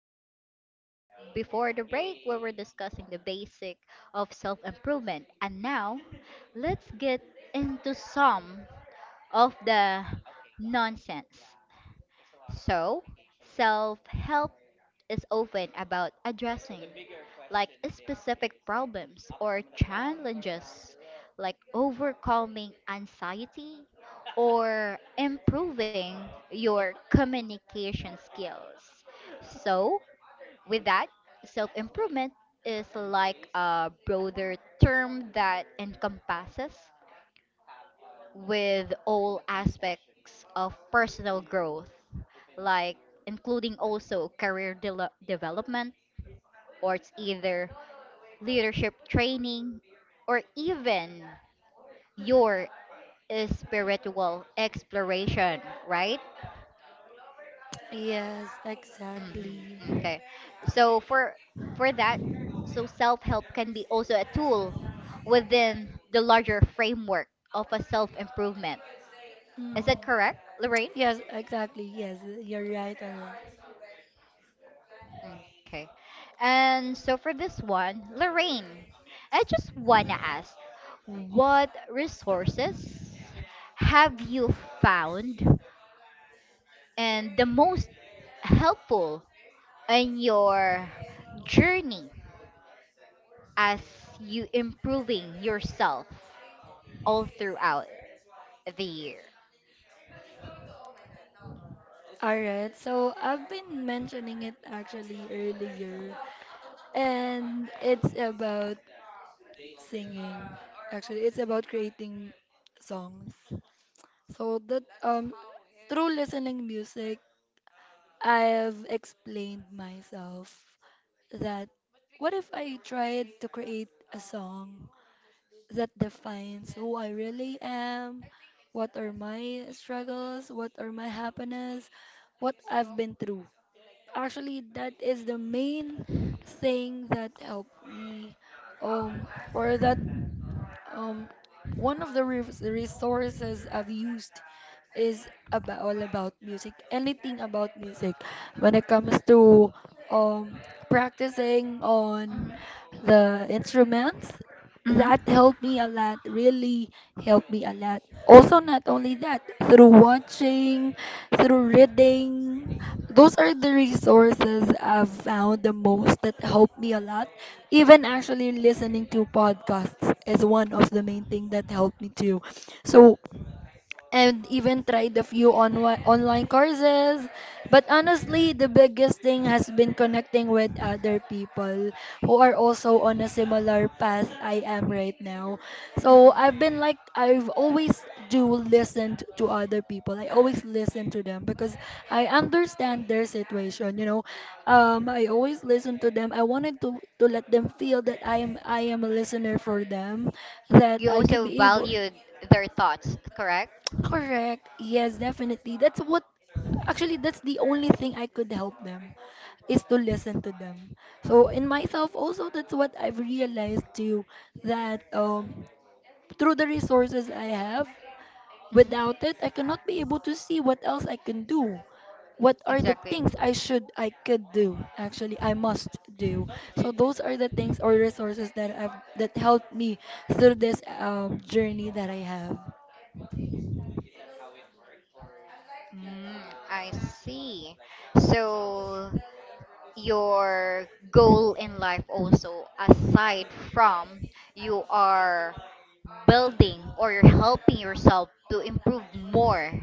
Your Life. Before the break, we were discussing the basic of self improvement, and now let's get into some of the nonsense. So, self help is often about addressing specific problems or challenges, like overcoming anxiety or improving your communication skills. So, with that, self improvement is like a broader term that encompasses with all aspects of personal growth, like including also development, or it's either leadership training, or even your spiritual exploration, right? Yes, exactly. Okay. So for that, so self-help can be also a tool within the larger framework of a self-improvement. Mm. Is that correct, Lorraine? Yes, exactly. Yes, you're right on that. Okay. And so for this one, Lorraine, I just want to ask what resources have you found and the most helpful in your journey as you improving yourself all throughout the year? All right, so I've been mentioning it actually earlier, and it's about singing. Actually, it's about creating songs. So that through listening music, I've explained myself that what if I tried to create a song that defines who I really am, what are my struggles, what are my happiness, what I've been through. Actually, that is the main thing that helped me, um, or that Mhm. um, one of the resources I've used is about all about music, anything about music. When it comes to um, practicing on the instruments, Mhm. Mm-mm. that helped me a lot, really helped me a lot. Also, not only that, through watching, through reading, those are the resources I've found the most that helped me a lot. Even actually listening to podcasts is one of the main thing that helped me too. So and even tried a few online courses. But honestly, the biggest thing has been connecting with other people who are also on a similar path I am right now. So I've been like, I've always do listen to other people. I always listen to them because I understand their situation. I always listen to them. I wanted to let them feel that I am a listener for them, that You I could also be able. valued their thoughts, correct? Correct. Yes, definitely. That's what, actually that's the only thing I could help them is to listen to them. So in myself also that's what I've realized too, that through the resources I have, Mhm. without it I cannot be able to see what else I can do. What are the Exactly. things I could do? Actually, I must do. So those are the things or resources that helped me through this journey that I have. Mm, I see. So your goal in life also aside from you are building or you're helping yourself to improve more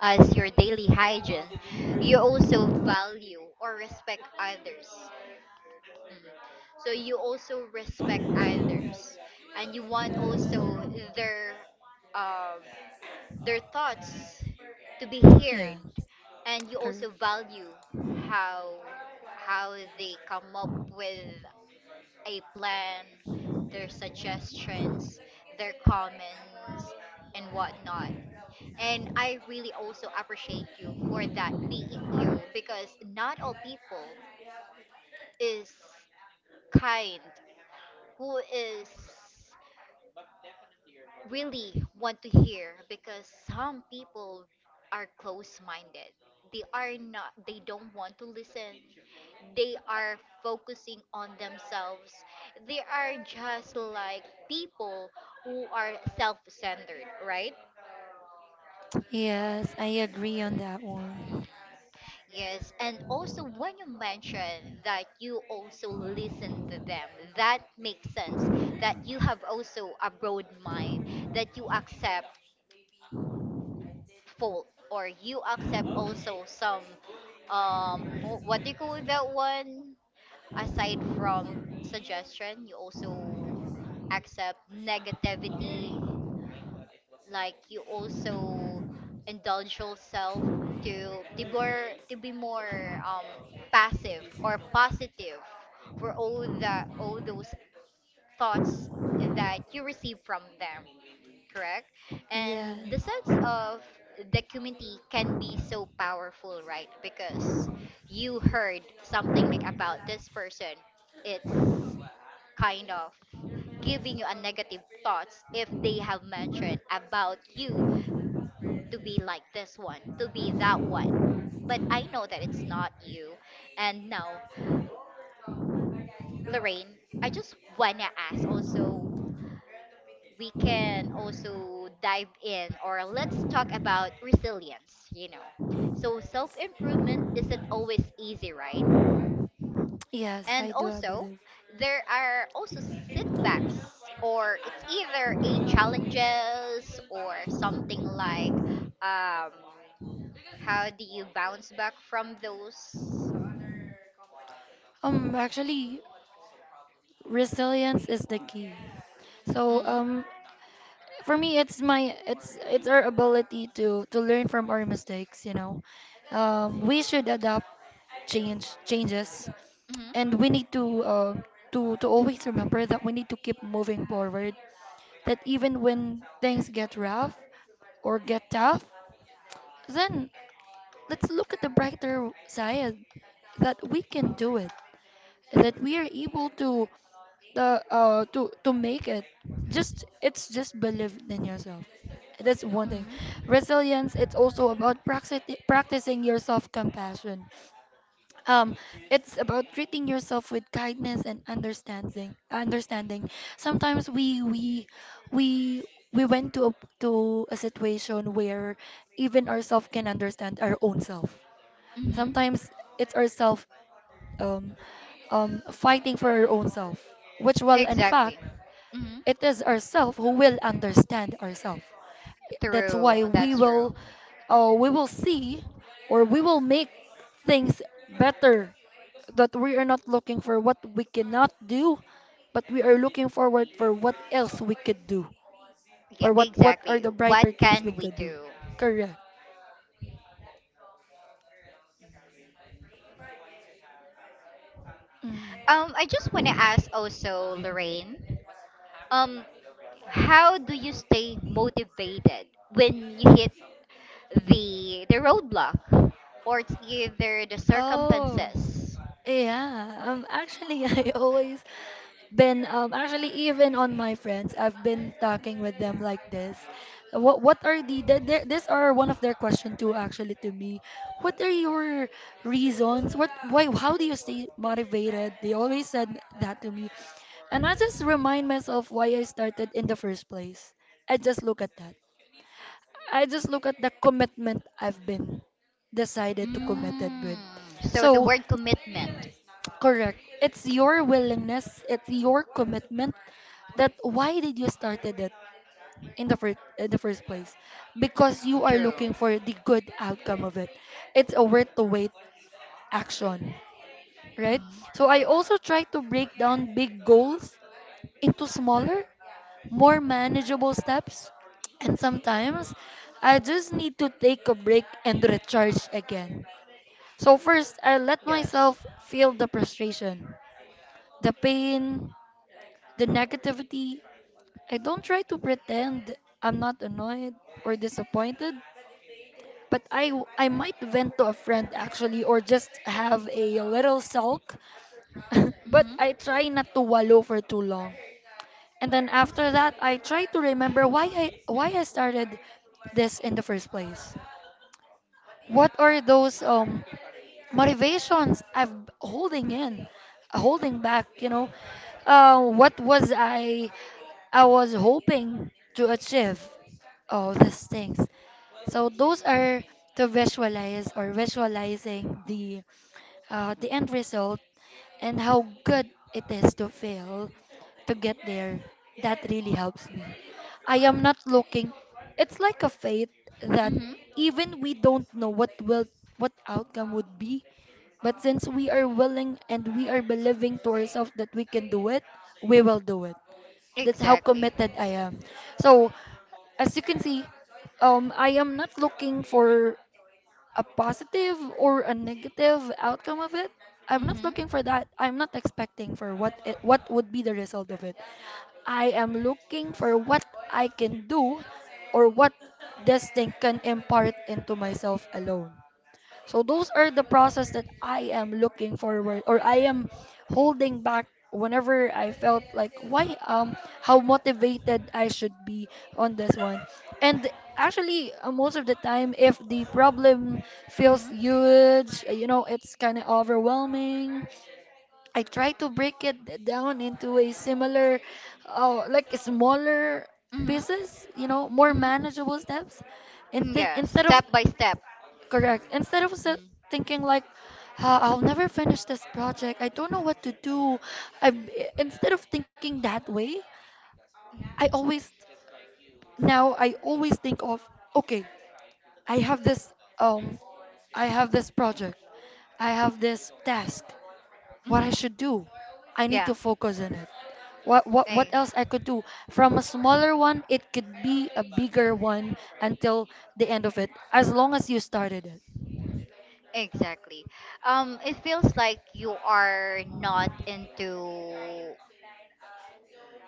as your daily hygiene, you also value or respect others. Mhm. So you also respect others and you want also their um, their thoughts to be heard, Yeah. and you also value how how they come up with a plan, their suggestions, their comments and whatnot, and I really also appreciate you for that being you, because not all people is kind who is really want to hear, because some people are close-minded. They are not, they don't want to listen. They are focusing on themselves. They are just like people who are self-centered, right? Yes, I agree on that one. Yes, and also when you mention that you also listen to them, that makes sense. That you have also a broad mind, that you accept fault or you accept also some what do you call that one, aside from suggestion you also accept negativity, like you also indulge yourself to be more, to be more um passive or positive for all those thoughts that you receive from them, correct? And the Yes, sense of the community can be so powerful, right? Because you heard something like about this person, it's kind of giving you a negative thoughts if they have mentioned about you to be like this one, to be that one. But I know that it's not you. And now, Lorraine, I just wanna ask also, we can also dive in or let's talk about resilience, you know. So self improvement isn't always easy, right? yes, And I do. I also, believe. there are also setbacks, or it's either a challenges or something like, um, how do you bounce back from those? Actually, resilience is the key. So, Hmm. For me, it's my, it's our ability to learn from our mistakes. We should adapt changes, and Hmm. we need to always remember that we need to keep moving forward. That even when things get rough or get tough, then let's look at the brighter side that we can do it, that we are able to the to make it. Just It's just believe in yourself. That's one thing. Hmm. Resilience, it's also about practicing your self-compassion. Um, it's about treating yourself with kindness and understanding. Understanding. Sometimes we we went to a situation where even ourself can understand our own self. Hmm. Sometimes it's ourself, um fighting for our own self, which, well, in fact, Exactly. Hmm. it is ourself who will understand ourself. That's True. why we That's true. will, uh, we will see, or we will make things better. That we are not looking for what we cannot do, but we are looking forward for what else we could do, Yeah, or what are exactly. the What brighter things we can we could do. do? Correct. Mm. I just want to ask also, Lorraine, um, how do you stay motivated when you hit the roadblock or it's either the Oh. circumstances? Yeah, actually, I always been actually, even on my friends, I've been talking with them like this. What are the th th these are one of their question too, actually, to me. What are your reasons? What why how do you stay motivated? They always said that to me. And I just remind myself why I started in the first place. I just look at that. I just look at the commitment I've been decided to committed with. Mm, so the So. word commitment. Correct. It's your willingness, it's your commitment, that why did you started it in the first place? Because you are True. looking for the good outcome of it. It's a worth the wait action, right? Hmm. So I also try to break down big goals into smaller, more manageable steps. And sometimes I just need to take a break and recharge again. So first, I let Yes. myself feel the frustration, the pain, the negativity. I don't try to pretend I'm not annoyed or disappointed, but I might vent to a friend actually, or just have a little sulk, but Mm-hmm. I try not to wallow for too long. And then after that, I try to remember why I started this in the first place. What are those motivations I've holding in, holding back, you know? What was I was hoping to achieve? Oh, these things. So those are to visualize, or visualizing the end result and how good it is to fail to get there. That really helps me. I am not looking. It's like a faith that Mm-hmm. even we don't know what outcome would be, but since we are willing and we are believing to ourselves that we can do it, we will do it. That's how Exactly. committed I am. So as you can see, I am not looking for a positive or a negative outcome of it. I'm not Mm-hmm. looking for that. I'm not expecting for what would be the result of it. I am looking for what I can do, or what this thing can impart into myself alone. So those are the process that I am looking forward, or I am holding back whenever I felt like why how motivated I should be on this one. And actually, most of the time if the problem feels Mm-hmm. huge, it's kind of overwhelming. I try to break it down into a similar, like smaller Mm-hmm. pieces, more Mm-hmm. manageable steps. Mm, Inst- yeah, instead of. step by step. Correct. Instead of Mm-hmm. thinking like, "Ah, I'll never finish this project. I don't know what to do. I Instead of thinking that way, I always I always think of, okay, I have this um I have this project. I have this task. What I Mm-hmm. should do. I need Yeah, to focus on it. What what eh, what else I could do? From a smaller one, it could be a bigger one until the end of it, as long as you started it. exactly. It feels like you are not into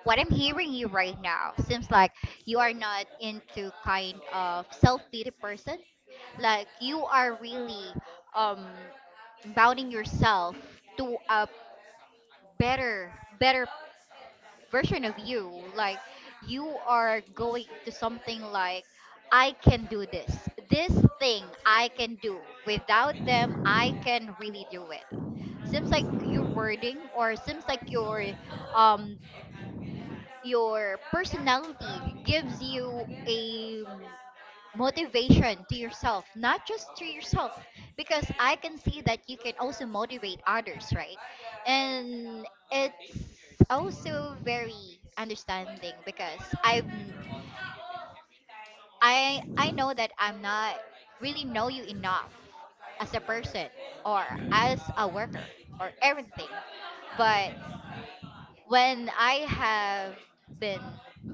what I'm hearing you right now. Seems like you are not into kind of self pity person. Like you are really um bounding yourself to a better version of you. Like you are going to something like I can do this. This thing I can do. Without them I can really do it. Seems like your wording or seems like um your personality gives you a motivation to yourself, not just to yourself, because I can see that you can also motivate others, right? And it's also very understanding because I know that I'm not really know you enough as a person or as a worker or everything, but when I have been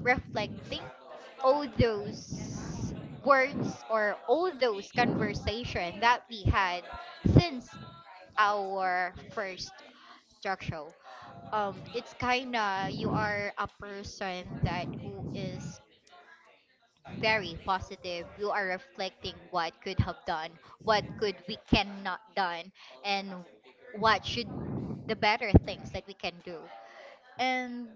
reflecting all those words or all those conversation that we had since our first talk show, it's kinda you are a person that who is very positive. You are reflecting what could have done, what could we cannot done, and what should the better things that we can do, and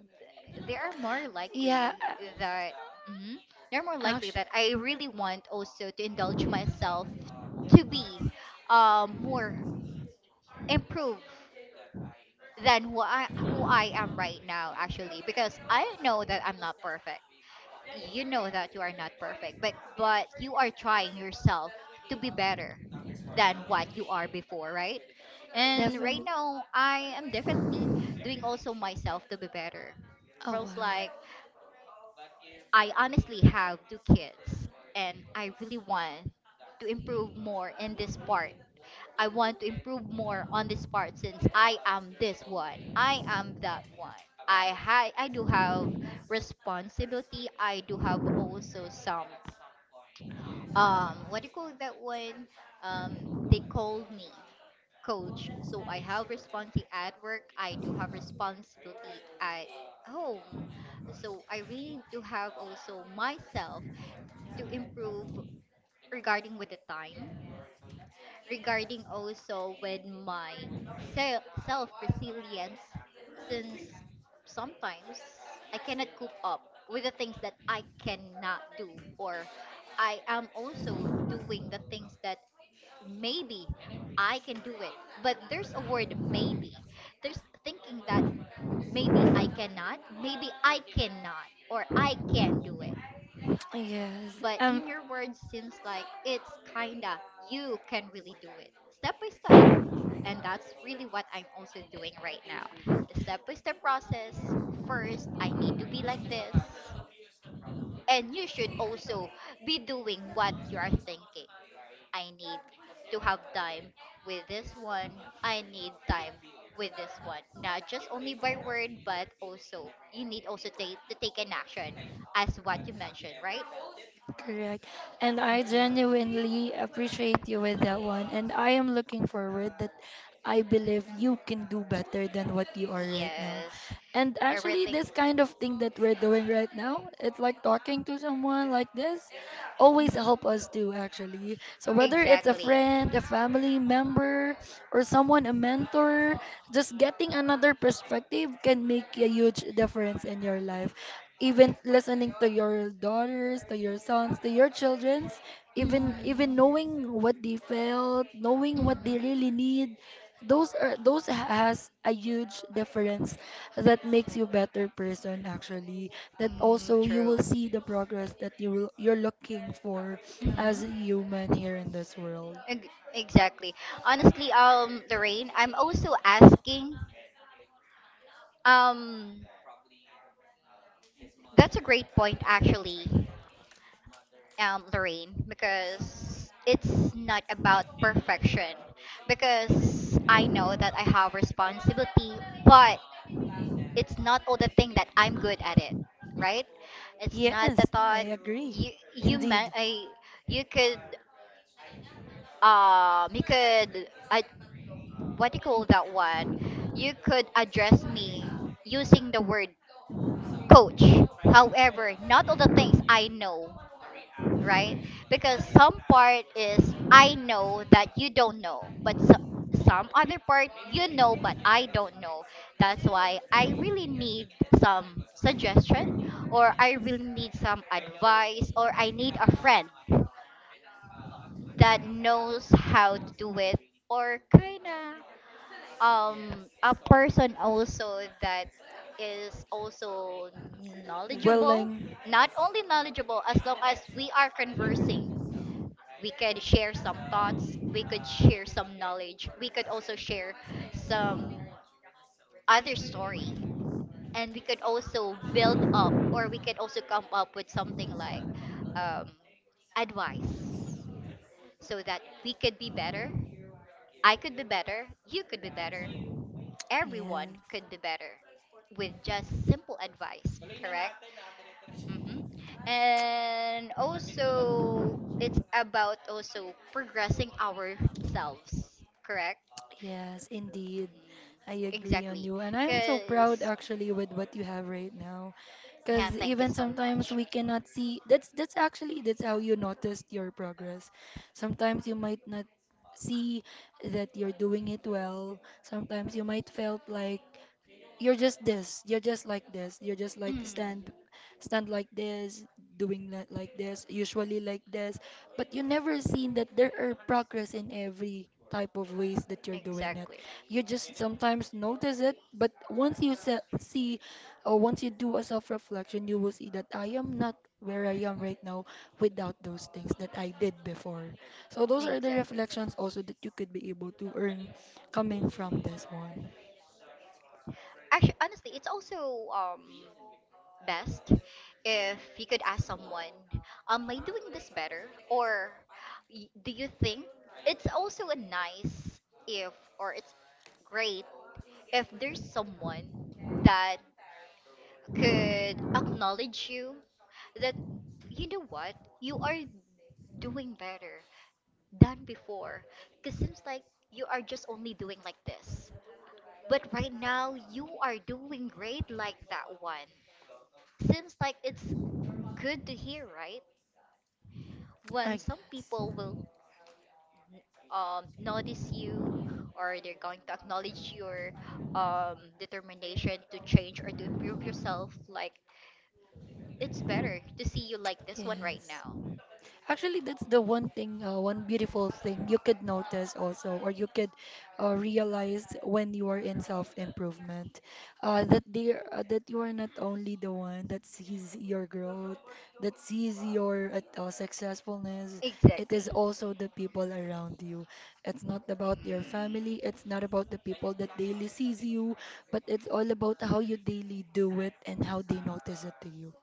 they are more likely Yeah, that mhm, they're more likely actually, that I really want also to indulge myself to be more improved than who I am right now, actually, because I know that I'm not perfect. You know that you are not perfect, but you are trying yourself to be better than what you are before, right? And right definitely. now, I am definitely doing also myself to be better. Oh, Feels like wow. I honestly have two kids and I really want to improve more in this part. I want to improve more on this part since I am this one. I am that one. I do have responsibility. I do have also some what do you call that one, um they called me coach, so I have responsibility at work, I do have responsibility at home, so I really do have also myself to improve regarding with the time, regarding also with my self resilience, since sometimes I cannot cope up with the things that I cannot do, or I am also doing the things that maybe I can do it, but there's a word maybe, there's thinking that maybe I cannot or I can do it, Yes. but in your words seems like it's kinda you can really do it step by step, and that's really what I'm also doing right now, step by step process. First I need to be like this, and you should also be doing what you are thinking. I need to have time with this one, I need time with this one, not just only by word but also you need also to take an action as what you mentioned, right? Correct. And I Mm-mm. genuinely appreciate you with that one, and I am looking forward that I believe you can do better than what you are right now. Yes. And actually Everything. this kind of thing that we're doing right now, it's like talking to someone like this always help Mhm. us do, actually. So whether it's a Exactly. friend, a family member, or someone a mentor, just getting another perspective can make a huge difference in your life. Even listening to your daughters, to your sons, to your childrens, Mm. even knowing what they felt, knowing Mhm. what they really need, those has a huge difference, that makes you better person, actually. That Mm, also you will true. see the progress that you're looking for Mhm. as a human here in this world. Ex- exactly. Honestly, Lorraine, I'm also asking. Um, that's a great point, actually, Lorraine, because it's not about perfection. Because I know that I have responsibility, but it's not all the thing that I'm good at it, right? It's not Yes, the I thought agree. you you Indeed. man I you could you could I what do you call that one? You could address me using the word coach. However, not all the things I know, right? Because some part is I know that you don't know, but so, some other part you know but I don't know. That's why I really need some suggestion or I really need some advice or I need a friend that knows how to do it, or kind of a person also that is also knowledgeable, Willing. not only knowledgeable, as long as we are conversing we could share some thoughts, we could share some knowledge, we could also share some other story, and we could also build up or we could also come up with something like, um, advice, so that we could be better. I could be better, you could be better, everyone Yes. could do better with just simple advice, correct? Hmm. And also, it's about also progressing ourselves, correct? Yes, indeed. I Mhm. agree on Exactly. you. And I'm so proud, Because, actually, with what you have right now. yeah, Because thank you even so sometimes much. we cannot see, that's actually that's how you noticed your progress. Sometimes you might not see that you're doing it well. Sometimes you might felt like you're just like this, you're just like Mm, stand like this, doing like this, usually like this, but you never seen that there are progress in every type of ways that you're doing it. exactly. You just sometimes notice it, but once you see, or once you do a self-reflection, you will see that I am not where I am right now without those things that I did before. So those are the Exactly. reflections also that you could be able to earn coming from this one, Actually, honestly, it's also best if you could ask someone, am I doing this better? Or do you think it's also a nice if, or it's great if there's someone that could acknowledge you that, you know what, you are doing better than before. Because seems like you are just only doing like this. But right now, you are doing great like that one. Seems like it's good to hear, right? I When some guess. people will notice you or they're going to acknowledge your determination to change or to improve yourself, like it's better to see you like this one right Yes. now. Actually, that's the one thing, one beautiful thing you could notice also, or you could, realize when you are in self-improvement, that you are not only the one that sees your growth, that sees your successfulness. It Exactly. is also the people around you. It's not about your Mm, family. It's not about the people that daily sees you, but it's all about how you daily do it and how they notice it to you.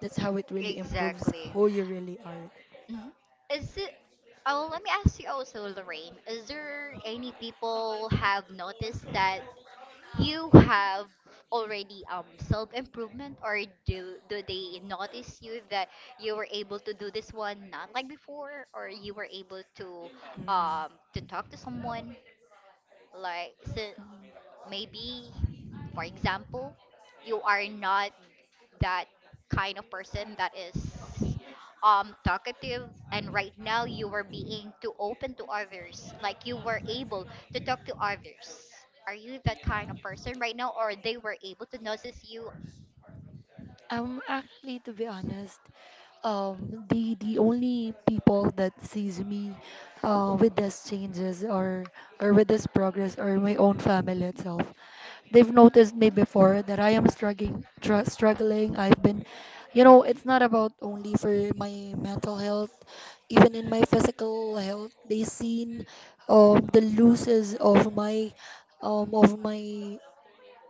That's how it really improves exactly. who you really are. Mhm. Is it? Oh, let me ask you also, Lorraine. Is there any people have noticed that you have already self improvement, or do they notice you that you were able to do this one not like before, or you were able Mm. To talk to someone like so. Mm. Maybe, for example, you are not that kind of person that is talkative, and right now you were being too open to others, like you were able to talk to others. Are you that kind of person right now, or they were able to notice you? Actually, to be honest, the only people that sees me, with these changes, or with this progress, are my own family itself. They've noticed me before that I am struggling, struggling. I've been, it's not about only for my mental health, even in my physical health. They seen the losses of my, of my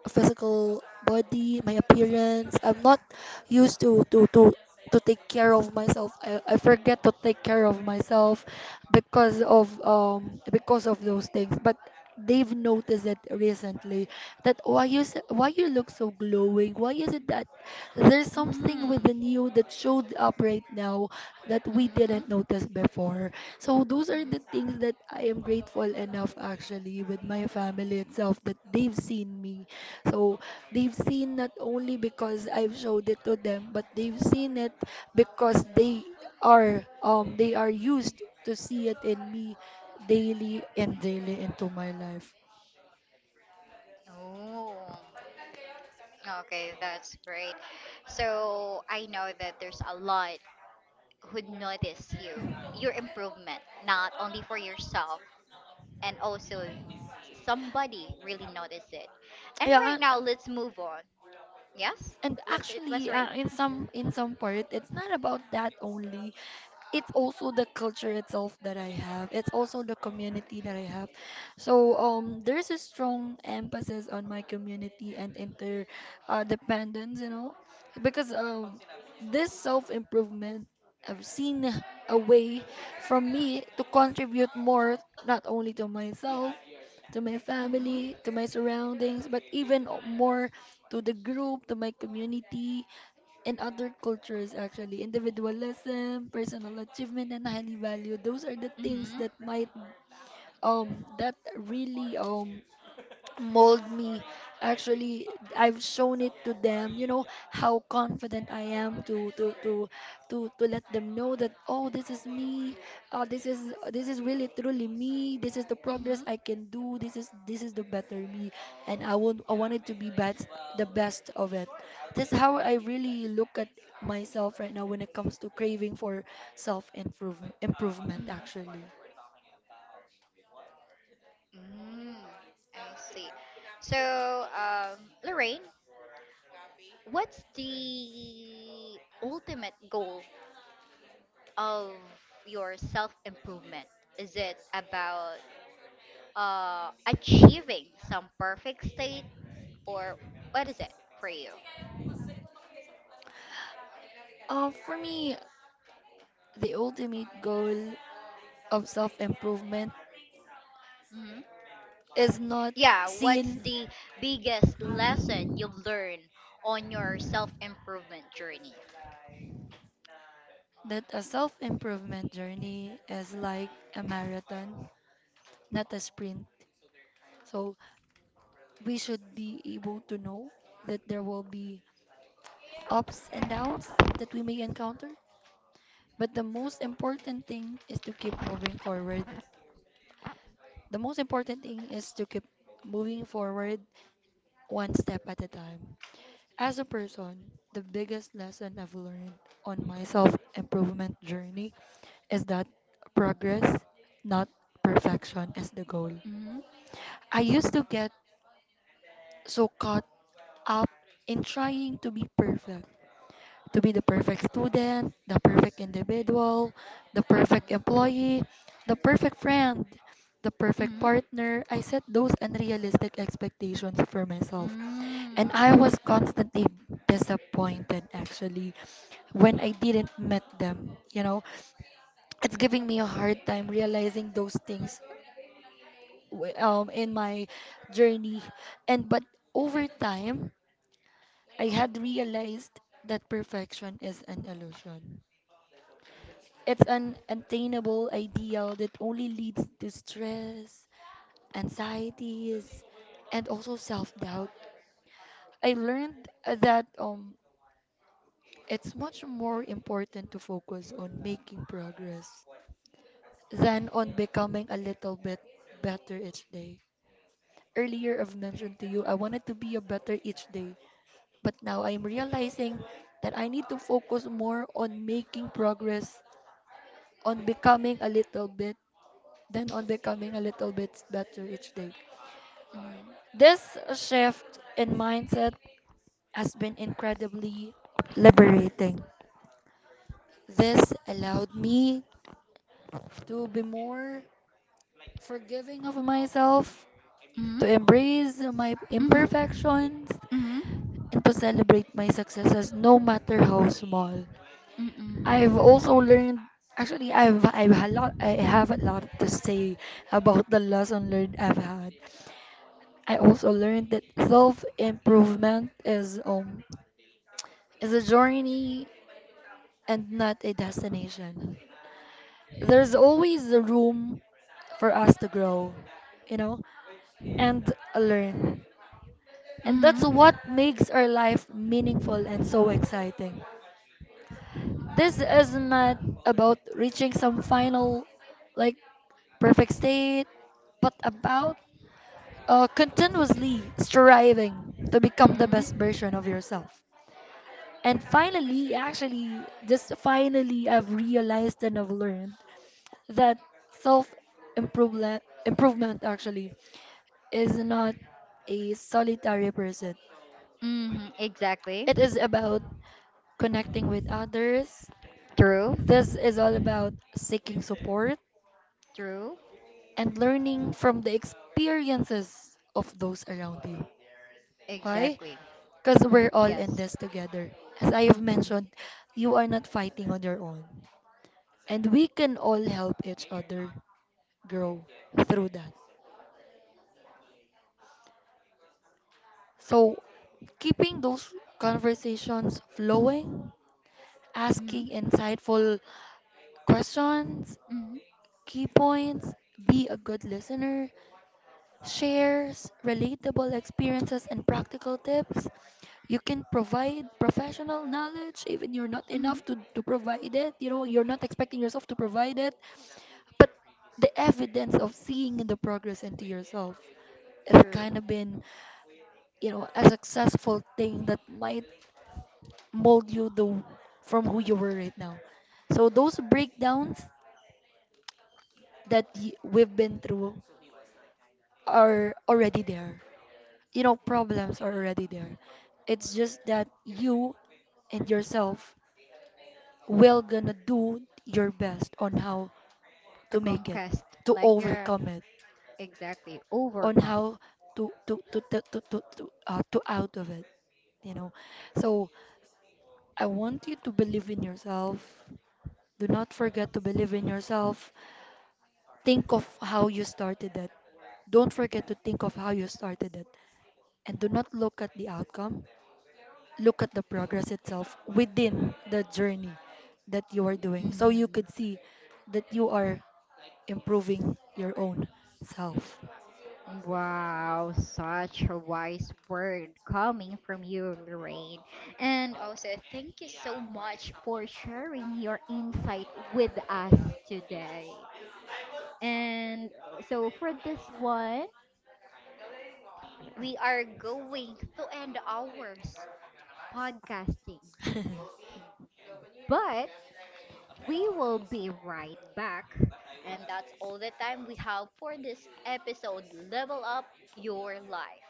physical body, my appearance. I'm not used to take care of myself. I forget to take care of myself because of those things. But they've noticed it recently that why you look so glowing? Why is it that there's Mm. something within you that showed up right now that we Mm-hmm. didn't notice before? So those are the Mm-hmm. things that I am grateful enough actually with my family itself that they've seen me, so they've seen not only because I've showed it to them, but they've seen it because they are they are used to see it in me daily and daily into my life. Oh, okay, that's great. So I know that there's a lot who'd notice you, your improvement, not only for yourself, and also somebody really notice it. And Yeah, right and now, let's move on. Yes? and Let, let's actually rate. In some part it's not about that only, it's also the culture itself that I have. It's also the community that I have. So there's a strong emphasis on my community and inter dependence, you know, because this self improvement I've seen a way from me to contribute more, not only to myself, to my family, to my Mm-hmm. surroundings, but even more to the group, to my community. In other cultures actually individualism personal achievement and highly valued, those are the things Mm-hmm. that might that really mold me. Actually, I've shown it to them, you know, how confident I am to let them know that, oh, this is me. This is really truly me. This is the progress Mm-hmm. I can do. This is the better me, and I wanted to be best the best of it. That's how I really look at myself right now when it comes to craving for self improvement actually. Mm-hmm. Mm, I see. So, Lorraine, what's the ultimate goal of your self improvement? Is it about achieving some perfect state, or what is it for you? For me, the ultimate goal of self improvement Hmm. is not Yeah, what's seen the biggest lesson you've learned on your self improvement journey? that a self improvement journey is like a marathon, not a sprint. So we should be able to know that there will be ups and downs that we may encounter. But the most important thing is to keep moving forward. The most important thing is to keep moving forward one step at a time. As a person, the biggest lesson I've learned on my self improvement journey is that progress, not perfection, is the goal. Hmm. I used to get so caught up in trying to be perfect, to be the perfect student, the perfect individual, the perfect Hmm. employee, the perfect friend, the perfect Hmm. partner. I set those unrealistic expectations for myself. And I was constantly disappointed actually when I didn't meet them. You know, it's giving me a hard time realizing those things in my journey. And but over time I had realized that perfection is an illusion. It's an attainable ideal that only leads to stress, anxieties, and also self-doubt. I learned that it's much more important to focus on making progress than on becoming a little bit better each day. Earlier I've mentioned to you I wanted to be a better each day. But now I am realizing that I need to focus more on making progress, on becoming a little bit, than on becoming a little bit better each day. Hmm. This shift in mindset has been incredibly liberating. This allowed me to be more forgiving of myself, Hmm. to embrace my Hmm. imperfections, Mhm. and to celebrate my successes no matter how small. I've Mhm. also learned actually, I have a lot to say about the lesson learned I've had. I also learned that self improvement is a journey and not a destination. There's always a room for us to grow, you know, and learn. And that's Mhm. what makes our life meaningful and so exciting. This is not about reaching some final, like, perfect state, but about continuously striving to become the best Mhm. version of yourself. And finally, actually, just finally, I've realized and I've learned that self improvement actually is not a solitary pursuit. Mhm. Exactly. It is about connecting with others. True. This is all about seeking support True. and learning from the experiences of those around you. Why? Exactly. Because we're Mm, all in yes. this together. As I have Mm-mm. mentioned, you are not fighting on your own. And we can all help each other grow through that. So, keeping those conversations flowing, Mm-hmm. asking insightful questions, Mm-hmm. key points, be a good listener, shares relatable experiences and practical tips. You can provide professional knowledge even you're not Mm-hmm. enough to provide it. You know, you're not expecting yourself to provide it. But the evidence of seeing the progress into yourself has True. kind of been, you know, a successful thing that might mold you the from who you were right now. So those breakdowns we've been through are already there. You know, problems are already there. It's just that you and yourself will gonna do your best on how To to make it, conquest, to like you're overcome it, exactly on overcome. how to out of it. You know. So I want you to believe in yourself. Do not forget to believe in yourself. Think of how you started it. Don't forget to think of how you started it. And do not look at the outcome. Look at the progress itself within the journey that you are doing. So you Mm-hmm. could see that you are improving your own self. Wow, such a wise word coming from you, Lorraine. And also, thank you so much for sharing your insight with us today. And so for this one, we are going to end ours podcasting, but we will be right back. And that's all the time we have for this episode Level Up Your Life.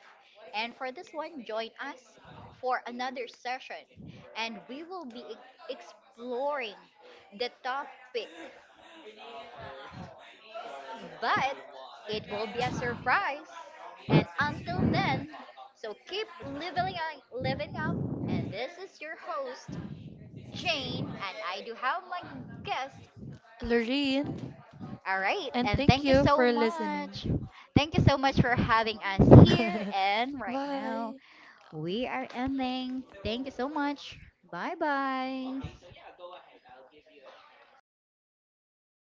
And for this one, join us for another session and we will be exploring the topic, but it will be a surprise. And until then, so keep living up. And this is your host Jane, and I do have my guest. Lorraine, All right, and and thank thank you you so for listening. much. Thank you so much for having us here. And right now, Bye. we are ending. Thank you so much. Bye bye.